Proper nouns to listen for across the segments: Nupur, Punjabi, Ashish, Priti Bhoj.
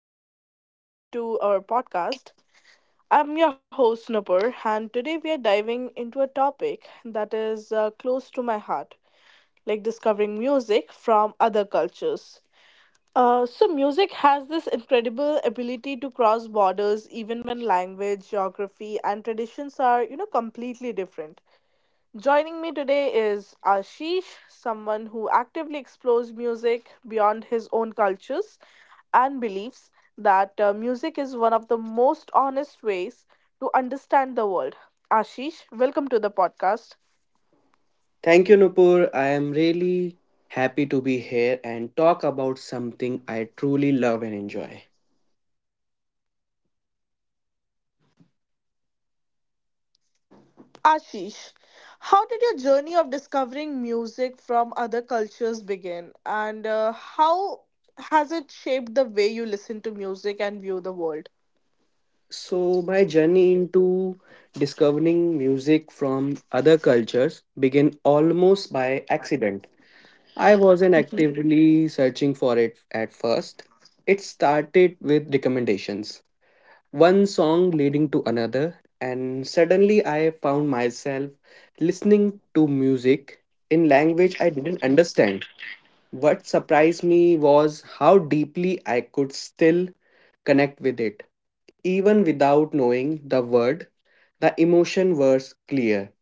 and welcome back to our podcast. I'm your host, Nupur, and today we are diving into a topic that is close to my heart, like discovering music from other cultures. So, music has this incredible ability to cross borders even when language, geography, and traditions are, completely different. Joining me today is Ashish, someone who actively explores music beyond his own cultures and believes that music is one of the most honest ways to understand the world. Ashish, welcome to the podcast. Thank you, Nupur. I am really happy to be here and talk about something I truly love and enjoy. Ashish, how did your journey of discovering music from other cultures begin, and how has it shaped the way you listen to music and view the world? So, my journey into discovering music from other cultures began almost by accident. I wasn't Mhm. actively searching for it at first. It started with recommendations, one song leading to another, and suddenly I found myself listening to music in language I didn't understand. What surprised me was how deeply I could still connect with it. Even without knowing the word, the emotion was clear.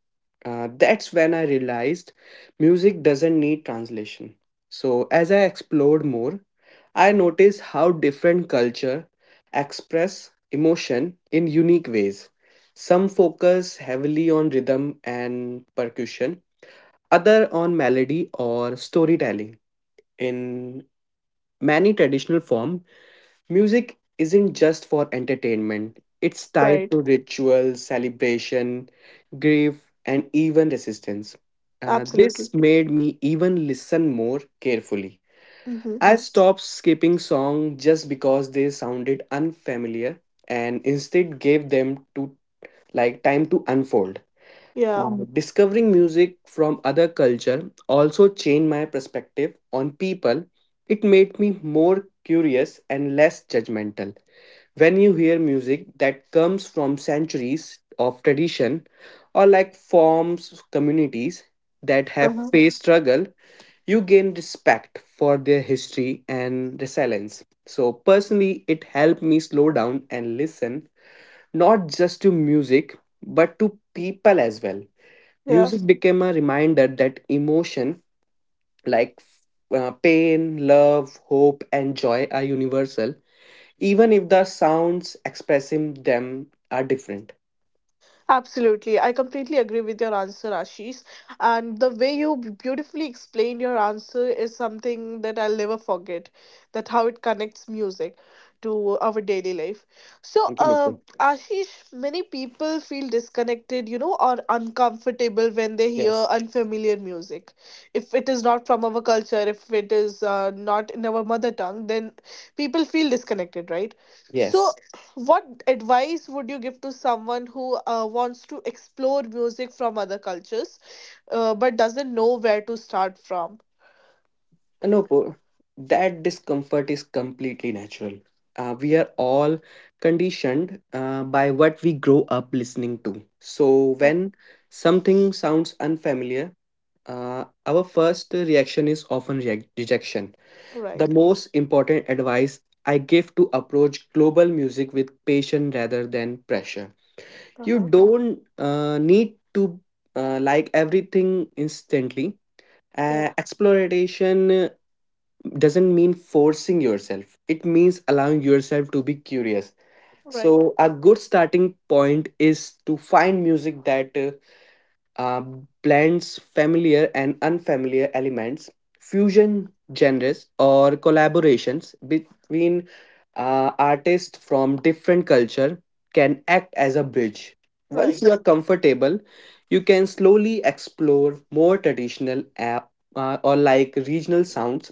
That's when I realized music doesn't need translation. So, as I explored more, I noticed how different culture express emotion in unique ways. Some focus heavily on rhythm and percussion, other on melody or storytelling. In many traditional form, music isn't just for entertainment. It's tied Right, to rituals, celebration, grief, and even resistance. This absolutely. made me even listen more carefully. Hmm. I stopped skipping songs just because they sounded unfamiliar and instead gave them to like time to unfold. Yeah. Discovering music from other culture also changed my perspective on people. It made me more curious and less judgmental. When you hear music that comes from centuries of tradition or like forms communities that have Uh-huh. faced struggle, you gain respect for their history and resilience. So personally, it helped me slow down and listen, not just to music but to people as well. Yeah. Music became a reminder that emotion like pain, love, hope, and joy are universal, even if the sounds expressing them are different. Absolutely. I completely agree with your answer, Ashish. And the way you beautifully explained your answer is something that I'll never forget, that how it connects music to our daily life. So, Thank you, uh, Nupur. Ashish, many people feel disconnected, or uncomfortable when they hear Yes. unfamiliar music. If it is not from our culture, if it is not in our mother tongue, then people feel disconnected, right? So, Yes. what advice would you give to someone who wants to explore music from other cultures, but doesn't know where to start from? Nupur, that discomfort is completely natural. We are all conditioned by what we grow up listening to. So Huh. when something sounds unfamiliar, our first reaction is often reac rejection. The Right. most important advice I give to approach global music with patience rather than pressure. You Uh-huh. don't need to like everything instantly. Yeah. Exploration doesn't mean forcing yourself, it means allowing yourself to be curious. Right. So, a good starting point is to find music that uh, blends familiar and unfamiliar elements, fusion genres, or collaborations between artists from different culture can act as a bridge. Once Right. you are comfortable, you can slowly explore more traditional or like regional sounds.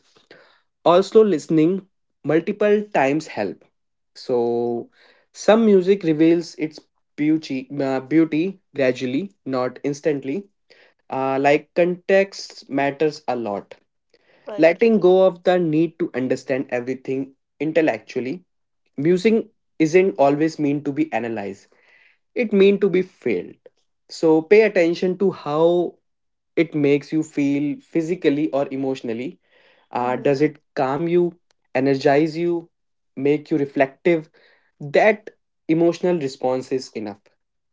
Also, listening multiple times help. Mhm. So, some music reveals its beauty gradually, not instantly. Like context matters a lot. Right. Letting go of the need to understand everything intellectually. Music isn't always meant to be analyzed. It meant to be felt. So pay attention to how it makes you feel physically or emotionally. Uh, Mm-hmm. does it calm you, energize you, make you reflective? That emotional response is enough.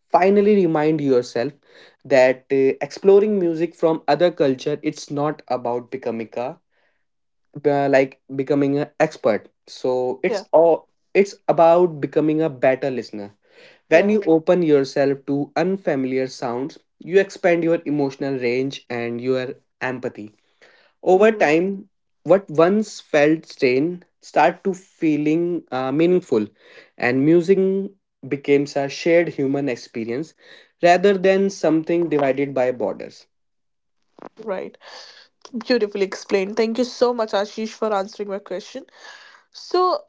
Finally, remind yourself that exploring music from other culture, it's not about becoming a like becoming an expert. So Yeah. it's all, it's about becoming a better listener. When Yeah. you open yourself to unfamiliar sounds, you expand your emotional range and your empathy over Mm-hmm. time. What once felt strange start to feeling meaningful, and music becomes a shared human experience rather than something divided by borders. Right. Beautifully explained. Thank you so much, Ashish, for answering my question. So,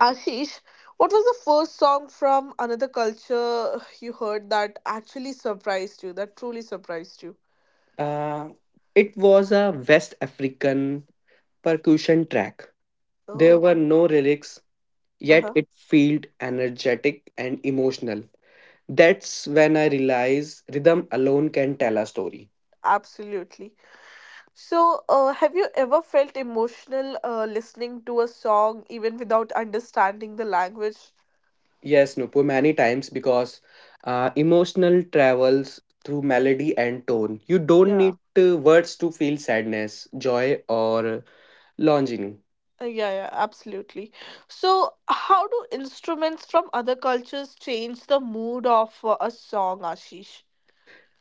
Ashish, what was the first song from another culture you heard that actually surprised you, that truly surprised you? Uh, it was a West African percussion track. There Oh. were no lyrics, yet it felt energetic and emotional. That's when I realized rhythm alone can tell a story. Absolutely. So, have you ever felt emotional listening to a song even without understanding the language? Yes, Nupur, many times because emotional travels through melody and tone. You don't Yeah. need words to feel sadness, joy, or longing. Yeah, yeah, absolutely. So, how do instruments from other cultures change the mood of a song, Ashish?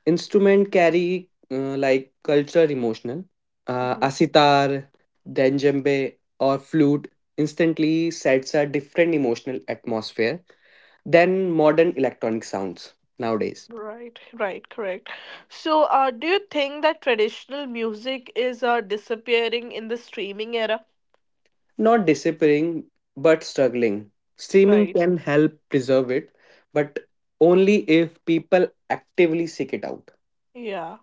Instrument carry like cultural emotional. Hmm. A sitar, then djembe, or flute instantly sets a different emotional atmosphere than modern electronic sounds nowadays. Right, right, correct. So, do you think that traditional music is disappearing in the streaming era? Not disappearing, but struggling. Streaming Right. can help preserve it, but only if people actively seek it out. Yeah.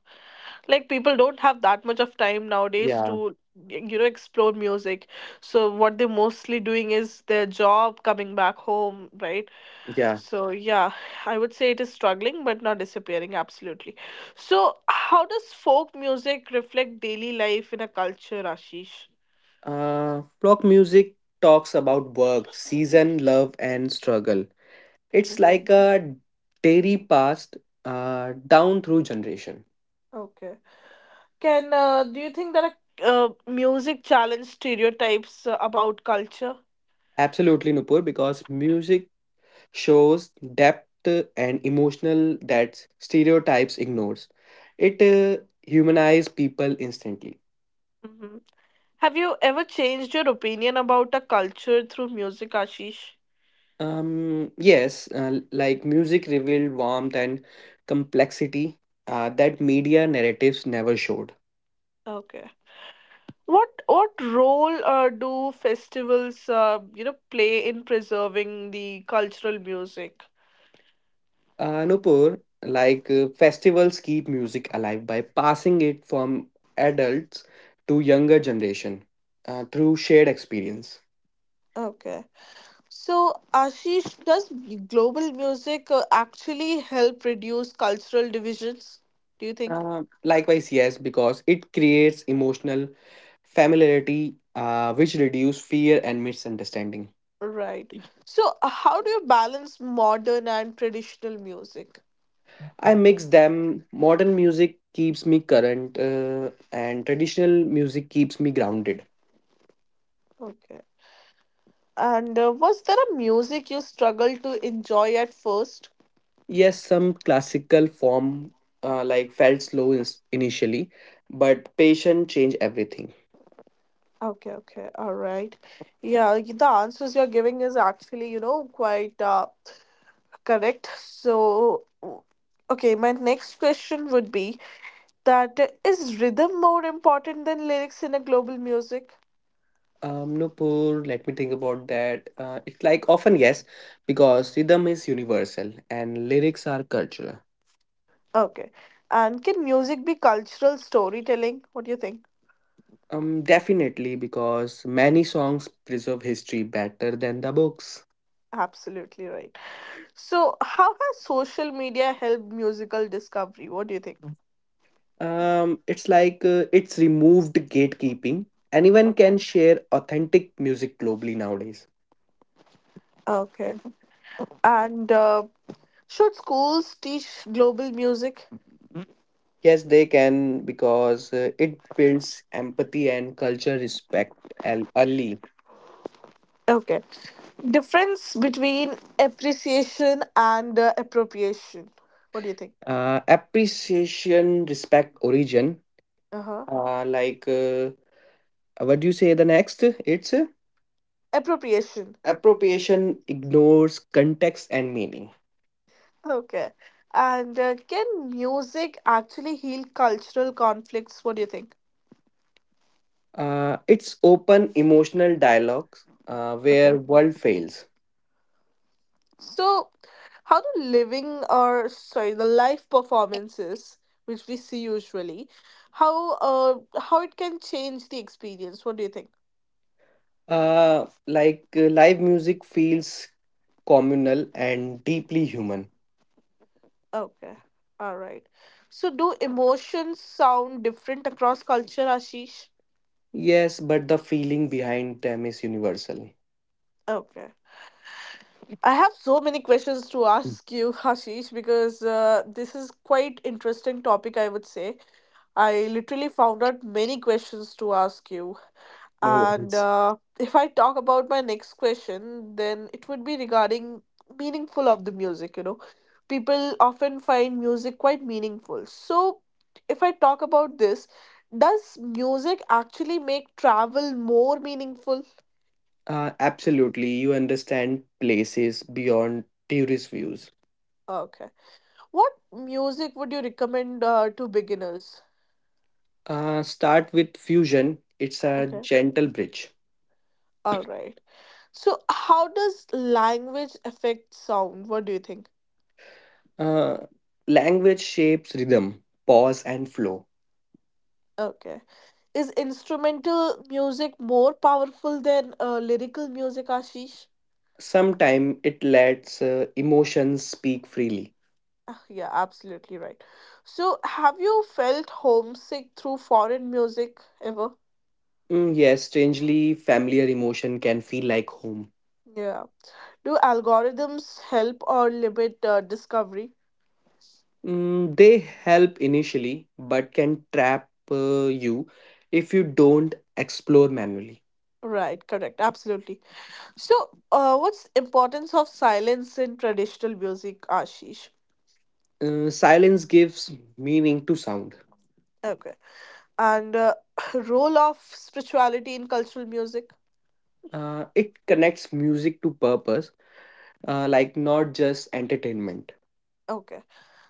Like people don't have that much of time nowadays Yeah, to, you know, explore music, so what they're mostly doing is their job, coming back home, right? yeah. So yeah, I would say it is struggling but not disappearing, absolutely. So how does folk music reflect daily life in a culture, Ashish? Flock music talks about work, season, love, and struggle. It's Hmm. like a dairy past down through generation. Okay. Can do you think that a uh, music challenge stereotypes about culture? Absolutely, Nupur, because music shows depth and emotional that stereotypes ignores. It humanizes people instantly. Hmm. Have you ever changed your opinion about a culture through music, Ashish? Yes, like music revealed warmth and complexity that media narratives never showed. Okay. What role do festivals, play in preserving the cultural music? Nupur, like festivals keep music alive by passing it from adults to younger generation through shared experience. Okay. So, Ashish, does global music actually help reduce cultural divisions? Do you think? Likewise, yes, because it creates emotional familiarity, which reduce fear and misunderstanding. Right. So, how do you balance modern and traditional music? I mix them. Modern music keeps me current, and traditional music keeps me grounded. Okay. And was there a music you struggled to enjoy at first? Yes, some classical form like felt initially, but patient change everything. Okay, okay, all right. Yeah, the answers you're giving is actually, quite correct. So, okay, my next question would be that is rhythm more important than lyrics in a global music? Nupur, let me think about that. It's like often yes, because rhythm is universal and lyrics are cultural. Okay. And can music be cultural storytelling? What do you think? Definitely because many songs preserve history better than the books. Absolutely right. So, how has social media helped musical discovery? What do you think? It's removed gatekeeping. Anyone can Okay. share authentic music globally nowadays. Okay. And should schools teach global music? Yes, they can because it builds empathy and culture respect and early. Okay. Difference between appreciation and appropriation. What do you think? Appreciation, respect, origin. Uh huh. Uh, like, uh, what do you say the next? It's Appropriation. appropriation ignores context and meaning. Okay. And can music actually heal cultural conflicts? What do you think? It's open emotional dialogues Okay. where world fails. So, how do living or sorry, the live performances which we see usually, how it can change the experience? What do you think? Live music feels communal and deeply human. Okay. All right. So, do emotions sound different across culture, Ashish? Yes, but the feeling behind them is universal. Okay. I have so many questions to Mm. ask you, Hashish, because this is quite interesting topic, I would say. I literally found out many questions to ask you. No And worries. If I talk about my next question, then it would be regarding meaningful of the music, you know. People often find music quite meaningful. So if I talk about this, does music actually make travel more meaningful? Absolutely, you understand places beyond tourist views. Okay. What music would you recommend to beginners? Start with fusion. It's a Okay. gentle bridge. All right. So, how does language affect sound? What do you think? Uh, language shapes rhythm, pause, and flow. Okay. Is instrumental music more powerful than lyrical music, Ashish? Sometimes it lets emotions speak freely. Ah, yeah, absolutely right. So, have you felt homesick through foreign music ever? Mm, yes, strangely familiar emotion can feel like home. Yeah. Do algorithms help or limit discovery? Mm, they help initially, but can trap you if you don't explore manually. Right, correct, absolutely. So, what's importance of silence in traditional music, Ashish? Silence gives meaning to sound. Okay, and role of spirituality in cultural music. It connects music to purpose, like not just entertainment. Okay,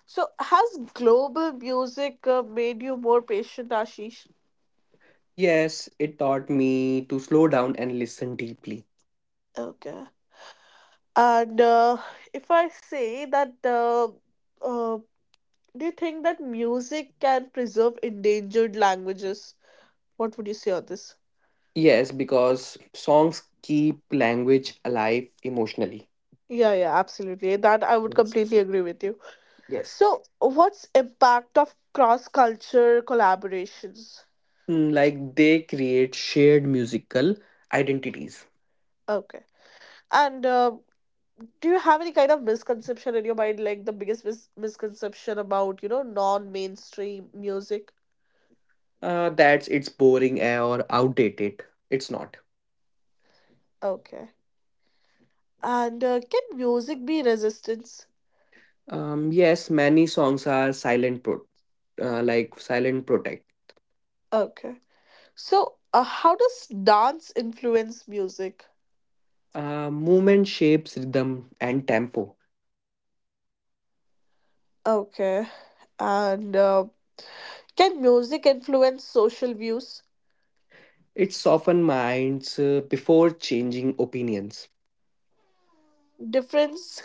so has global music made you more patient, Ashish? Yes, it taught me to slow down and listen deeply. Okay, and if I say that, uh, do you think that music can preserve endangered languages? What would you say on this? Yes, because songs keep language alive emotionally. Yeah, yeah, absolutely. That I would Yes. completely agree with you. Yes. So, what's impact of cross culture collaborations? Mm, like they create shared musical identities. Okay. And do you have any kind of misconception in your mind, like the biggest misconception about, non mainstream music? Uh, that's it's boring or outdated. It's not. Okay. And can music be resistance? Yes, many songs are like silent protect. Okay. So, how does dance influence music? Movement shapes rhythm and tempo. Okay. And can music influence social views? It softens minds before changing opinions. Difference?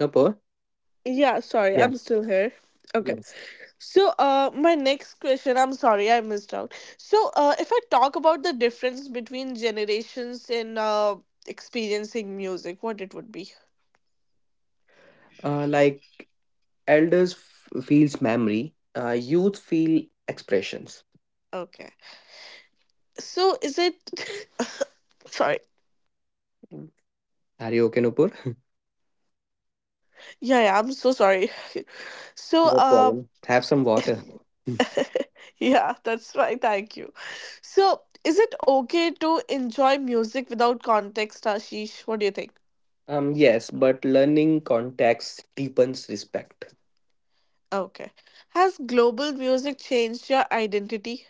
Napa? Yeah, sorry, Yeah. I'm still here. Okay. Yes. So, my next question, I'm sorry I missed out. So, if I talk about the difference between generations in experiencing music, what it would be? Like elders feels memory. Youth feel expressions. Okay. So, is it. Sorry. Mm. Are you okay, Nupur? Yeah, yeah, I'm so sorry. So, No problem. Have some water. yeah, that's right. Thank you. So, is it okay to enjoy music without context, Ashish? What do you think? Yes, but learning context deepens respect. Okay. Has global music changed your identity?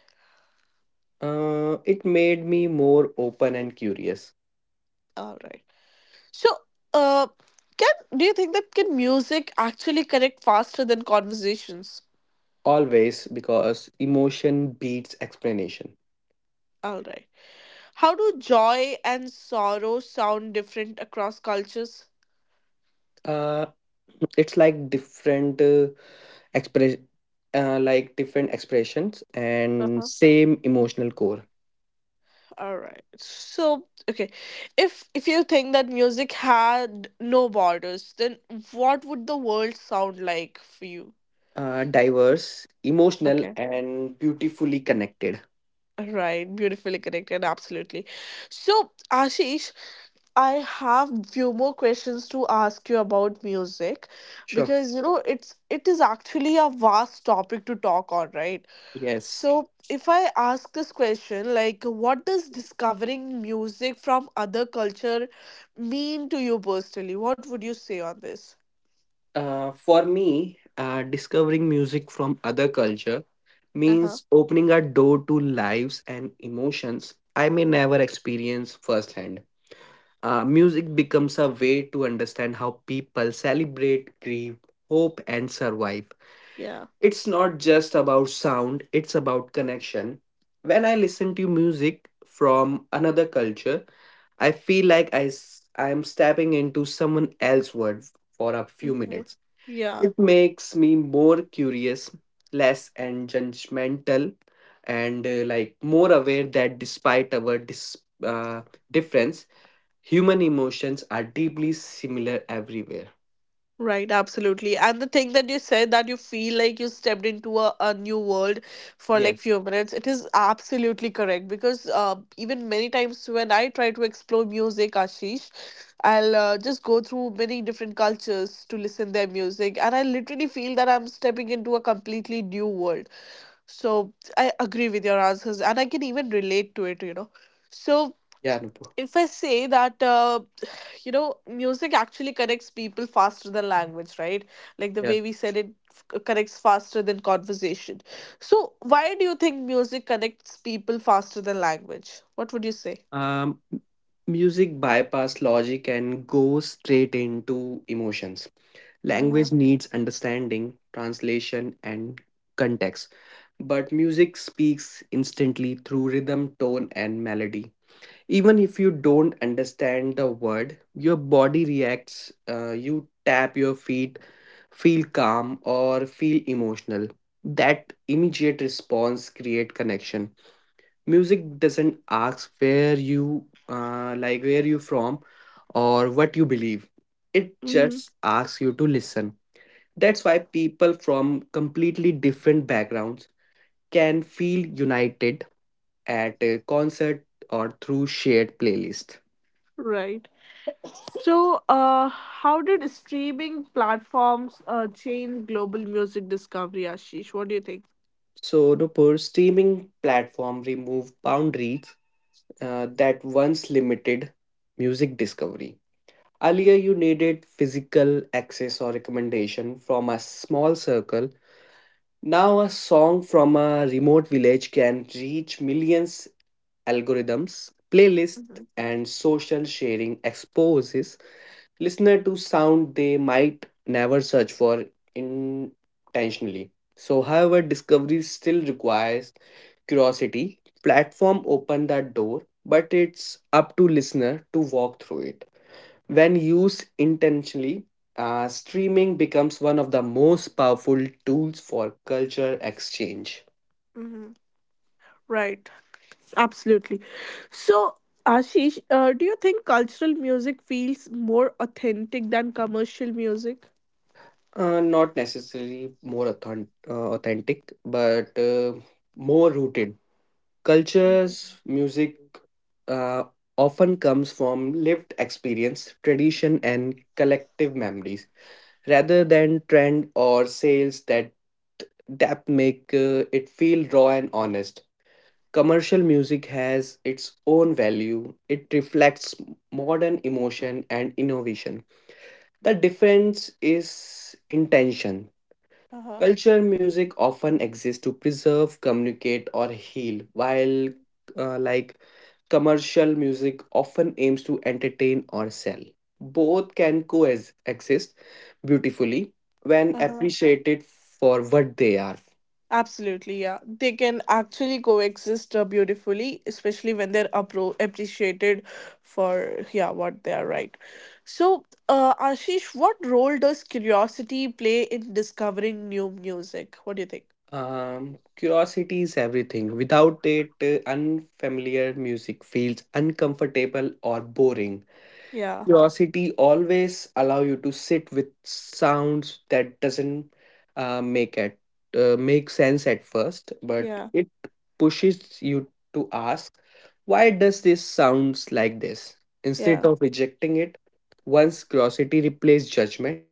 It made me more open and curious, All right. So, uh, can do you think that can music actually connect faster than conversations? always because emotion beats explanation. All right. How do joy and sorrow sound different across cultures? Uh, it's like express, different expressions and Uh-huh. same emotional core. All right. So, okay. If you think that music had no borders, then what would the world sound like for you? Diverse, emotional, Okay. and beautifully connected. Right, beautifully connected, absolutely. So, Ashish, I have few more questions to ask you about music Sure. because you know it is actually a vast topic to talk on, right? Yes. So if I ask this question, like what does discovering music from other culture mean to you personally? What would you say on this? For me, discovering music from other culture Uh-huh. means opening a door to lives and emotions I may never experience firsthand. Music becomes a way to understand how people celebrate, grieve, hope, and survive. Yeah. It's not just about sound, it's about connection. When I listen to music from another culture, I feel like I'm stepping into someone else's world for a few Hmm. minutes. Yeah. It makes me more curious, less and judgmental, and like more aware that despite our uh, difference, human emotions are deeply similar everywhere. Right, absolutely. And the thing that you said that you feel like you stepped into a new world for like Yes. few minutes, it is absolutely correct because even many times when I try to explore music, Ashish, I'll just go through many different cultures to listen their music and I literally feel that I'm stepping into a completely new world. So I agree with your answers and I can even relate to it, you know. So Yeah, Nupur. if I say that, you know, music actually connects people faster than language, right? Like the Yeah. way we said it connects faster than conversation. So, why do you think music connects people faster than language? What would you say? Um, m- music bypass logic and goes straight into emotions. Uh-huh. Language needs understanding, translation, and context, but music speaks instantly through rhythm, tone, and melody. Even if you don't understand the word, your body reacts. You tap your feet, feel calm or feel emotional. That immediate response create connection. Music doesn't ask where you, like where you from or what you believe. It Hmm. just asks you to listen. That's why people from completely different backgrounds can feel united at a concert or through shared playlists. Right. So, how did streaming platforms change global music discovery, Ashish? What do you think? So, Nupur, streaming platform remove boundaries that once limited music discovery. Earlier, you needed physical access or recommendation from a small circle. Now, a song from a remote village can reach millions. Algorithms, playlists, Mhm, and social sharing exposes listener to sound they might never search for intentionally. So, however, discovery still requires curiosity. Platform open that door, but it's up to listener to walk through it. When used intentionally, streaming becomes one of the most powerful tools for culture exchange. mhm. Right, absolutely. So, Ashish, do you think cultural music feels more authentic than commercial music? Not necessarily more authentic, but more rooted. Mhm. Cultures, music uh, often comes from lived experience, tradition, and collective memories rather than trend or sales. That make it feel raw and honest. Commercial music has its own value. It reflects modern emotion and innovation. The difference is intention. Uh-huh. Culture music often exists to preserve, communicate, or heal, while uh, like commercial music often aims to entertain or sell. Both can coexist beautifully when Uh-huh. appreciated for what they are. Absolutely, yeah. They can actually coexist beautifully, especially when they're appreciated for yeah what they are right. So, Ashish, what role does curiosity play in discovering new music? What do you think? Curiosity is everything. Without it, unfamiliar music feels uncomfortable or boring. Yeah, Curiosity always allow you to sit with sounds that doesn't uh, make it make sense at first, but yeah, it pushes you to ask, why does this sounds like this? Instead yeah. of rejecting it, once curiosity replaces judgment,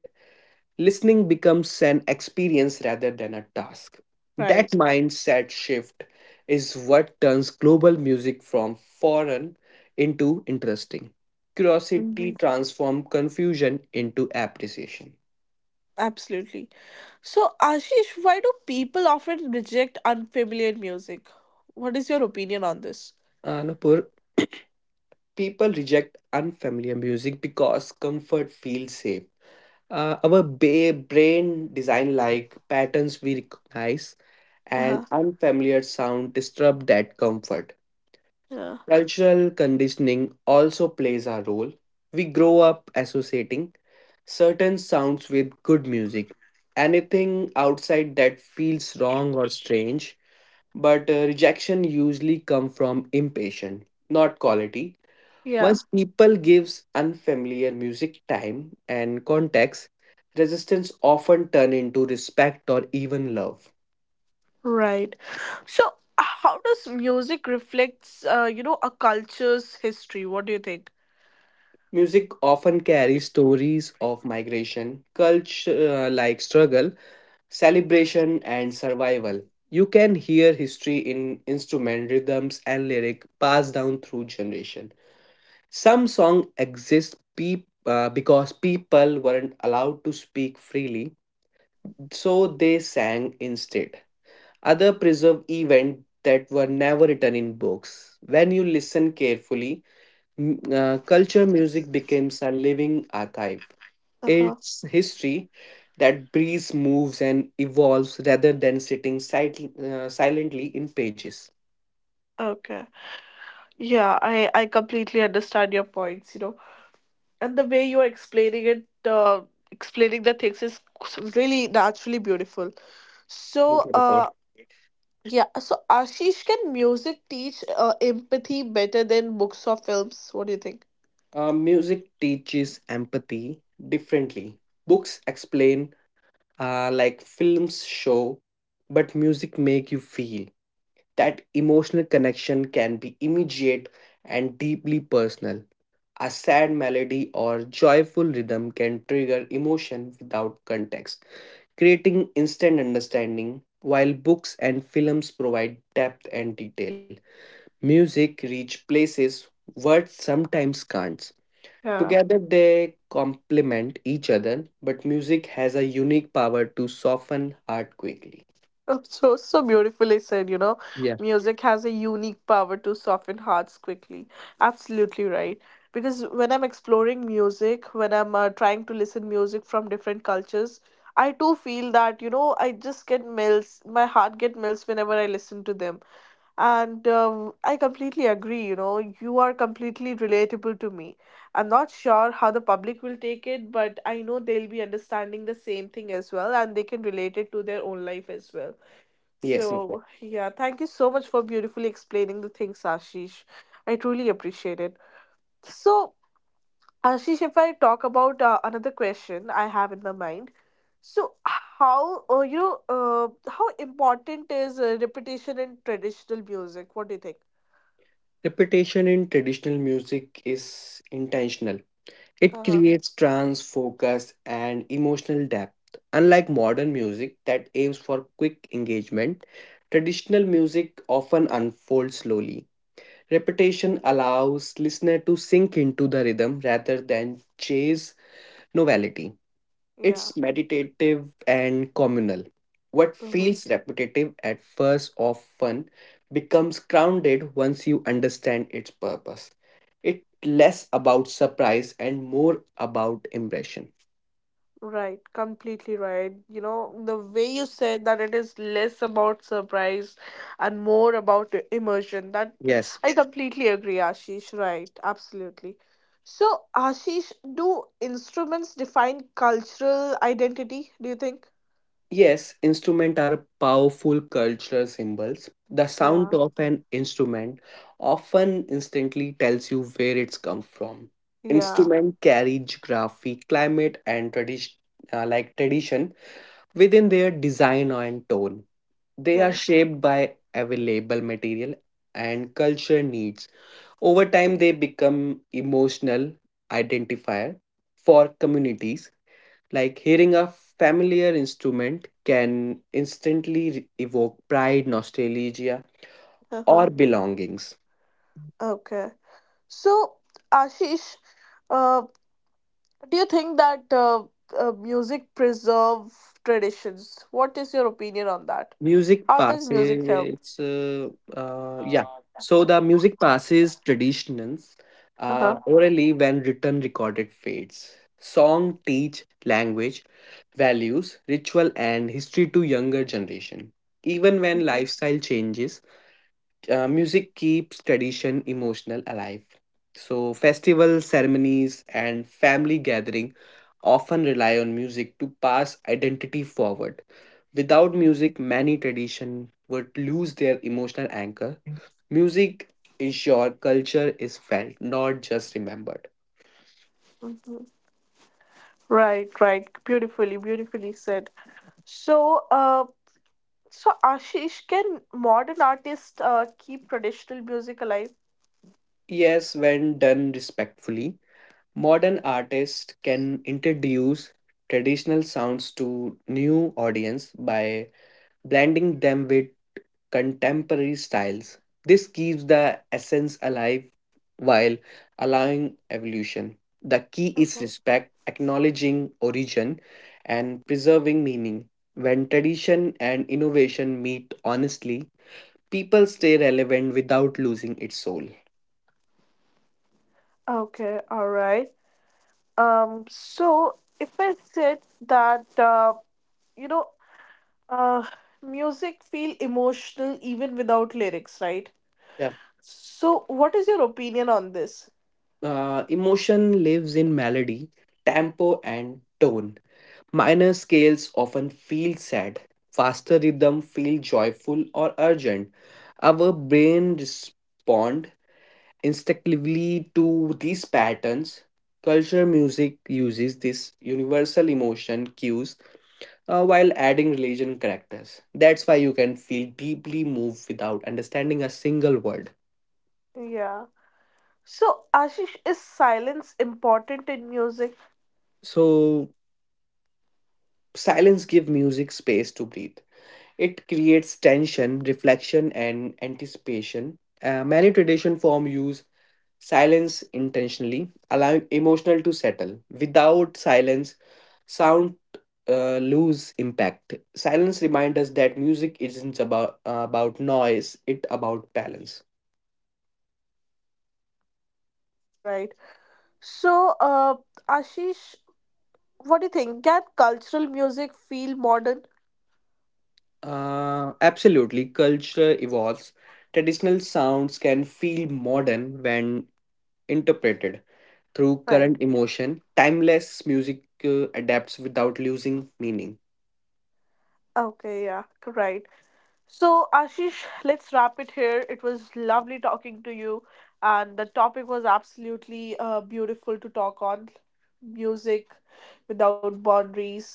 listening becomes an experience rather than a task. That Right. mindset shift is what turns global music from foreign into interesting. Curiosity Hmm. transforms confusion into appreciation. Absolutely. So, Ashish, why do people often reject unfamiliar music? What is your opinion on this? Anupur, people reject unfamiliar music because comfort feels safe. Our brain design like patterns we recognize, Uh and huh. unfamiliar sound disturb that comfort. Yeah. Cultural conditioning also plays a role. We grow up associating certain sounds with good music. Anything outside that feels wrong or strange, but rejection usually come from impatience, not quality. Yeah. Once people gives unfamiliar music time and context, resistance often turn into respect or even love. Right. So, how does music reflects, a culture's history? What do you think? Music often carries stories of migration, culture struggle celebration and survival. You can hear history in instrument, rhythms, and lyric passed down through generation. Some song exist because people weren't allowed to speak freely, so they sang instead. Other preserve event that were never written in books. When you listen carefully, culture music becomes a living archive. Uh-huh. It's history that breathes, moves, and evolves rather than sitting silently in pages. Okay. Yeah, I completely understand your points, you know. And the way you're explaining it, explaining the things is really naturally beautiful. Thank you, So, Vibhor. Yeah, so Ashish, can music teach empathy better than books or films? What do you think? Music teaches empathy differently. Books explain, films show, but music make you feel. That emotional connection can be immediate and deeply personal. A sad melody or joyful rhythm can trigger emotion without context, creating instant understanding. While books and films provide depth and detail, music reach places words sometimes can't. Yeah. Together they complement each other, but music has a unique power to soften heart quickly. Oh, so, so beautifully said, you know, Yeah. music has a unique power to soften hearts quickly. Absolutely right. Because when I'm exploring music, when I'm trying to listen music from different cultures, I too feel that, you know, I just get melts, my heart get melts whenever I listen to them. And I completely agree, you know, you are completely relatable to me. I'm not sure how the public will take it, but I know they'll be understanding the same thing as well, and they can relate it to their own life as well. Yes, no. So, yeah, thank you so much for beautifully explaining the things, Ashish. I truly appreciate it. So, Ashish, if I talk about another question I have in my mind, so how you know how important is repetition in traditional music? What do you think? Repetition in traditional music is intentional. It Uh, creates trance, focus, and emotional depth. Unlike modern music that aims for quick engagement, traditional music often unfolds slowly. Repetition allows listener to sink into the rhythm rather than chase novelty. yeah. It's meditative and communal. What feels repetitive at first or fun becomes grounded once you understand its purpose. It's less about surprise and more about impression. Right, completely right. You know, the way you said that it is less about surprise and more about immersion, that Yes. I completely agree, Ashish. Right, absolutely. So, Ashish, do instruments define cultural identity, do you think? Yes, instruments are powerful cultural symbols. The sound Yeah, of an instrument often instantly tells you where it's come from. yeah, Instruments carry geography, climate, and tradition, tradition. Within their design and tone, they are yeah. shaped by available material and culture needs. Over time, they become emotional identifier for communities. Like hearing a familiar instrument can instantly evoke pride, nostalgia, Uh-huh. or belongings. Okay. So, Ashish, uh, do you think that music preserve traditions? What is your opinion on that? Music How does music help? passes, yeah. So the music passes traditions Uh huh. Orally when written recorded fades. Song teach language, values, ritual, and history to younger generation. Even when lifestyle changes, music keeps tradition emotional alive. So festivals, ceremonies, and family gathering often rely on music to pass identity forward. Without music, many tradition would lose their emotional anchor. Music ensure culture is felt, not just remembered. Right, right. Beautifully, beautifully said. So, so Ashish, can modern artists keep traditional music alive? Yes, when done respectfully, modern artists can introduce traditional sounds to new audience by blending them with contemporary styles. This keeps the essence alive while allowing evolution. The key is Uh-huh. respect, acknowledging origin, and preserving meaning. When tradition and innovation meet honestly, people stay relevant without losing its soul. Okay, all right. So if I said that, you know, uh, music feel emotional even without lyrics, right? Yeah. So, what is your opinion on this? Emotion lives in melody, tempo, and tone. Minor scales often feel sad, faster rhythm feel joyful or urgent. Our brain respond instinctively to these patterns. Culture music uses this universal emotion cues while adding religion characters. That's why you can feel deeply moved without understanding a single word. Yeah. So, Ashish, is silence important in music? So silence give music space to breathe. It creates tension, reflection, and anticipation. Many tradition form use silence intentionally, allowing emotional to settle. Without silence, sound lose impact. Silence reminds us that music isn't about noise; it about balance. Exactly right. So, Ashish, what do you think? Can cultural music feel modern? Absolutely, culture evolves. Traditional sounds can feel modern when interpreted through Right. current emotion. Timeless music adapts without losing meaning. Okay, yeah, right. So, Ashish, let's wrap it here. It was lovely talking to you, and the topic was absolutely beautiful to talk on music without boundaries.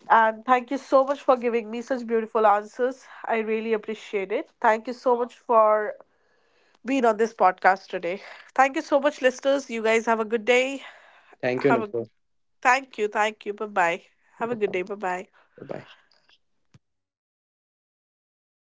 And thank you so much for giving me such beautiful answers. I really appreciate it. Thank you so much for being on this podcast today. Thank you so much, listeners. You guys have a good day. Thank you, Have a Nupur. thank you, thank you. Bye bye. Have a good Bye-bye. day. Bye bye.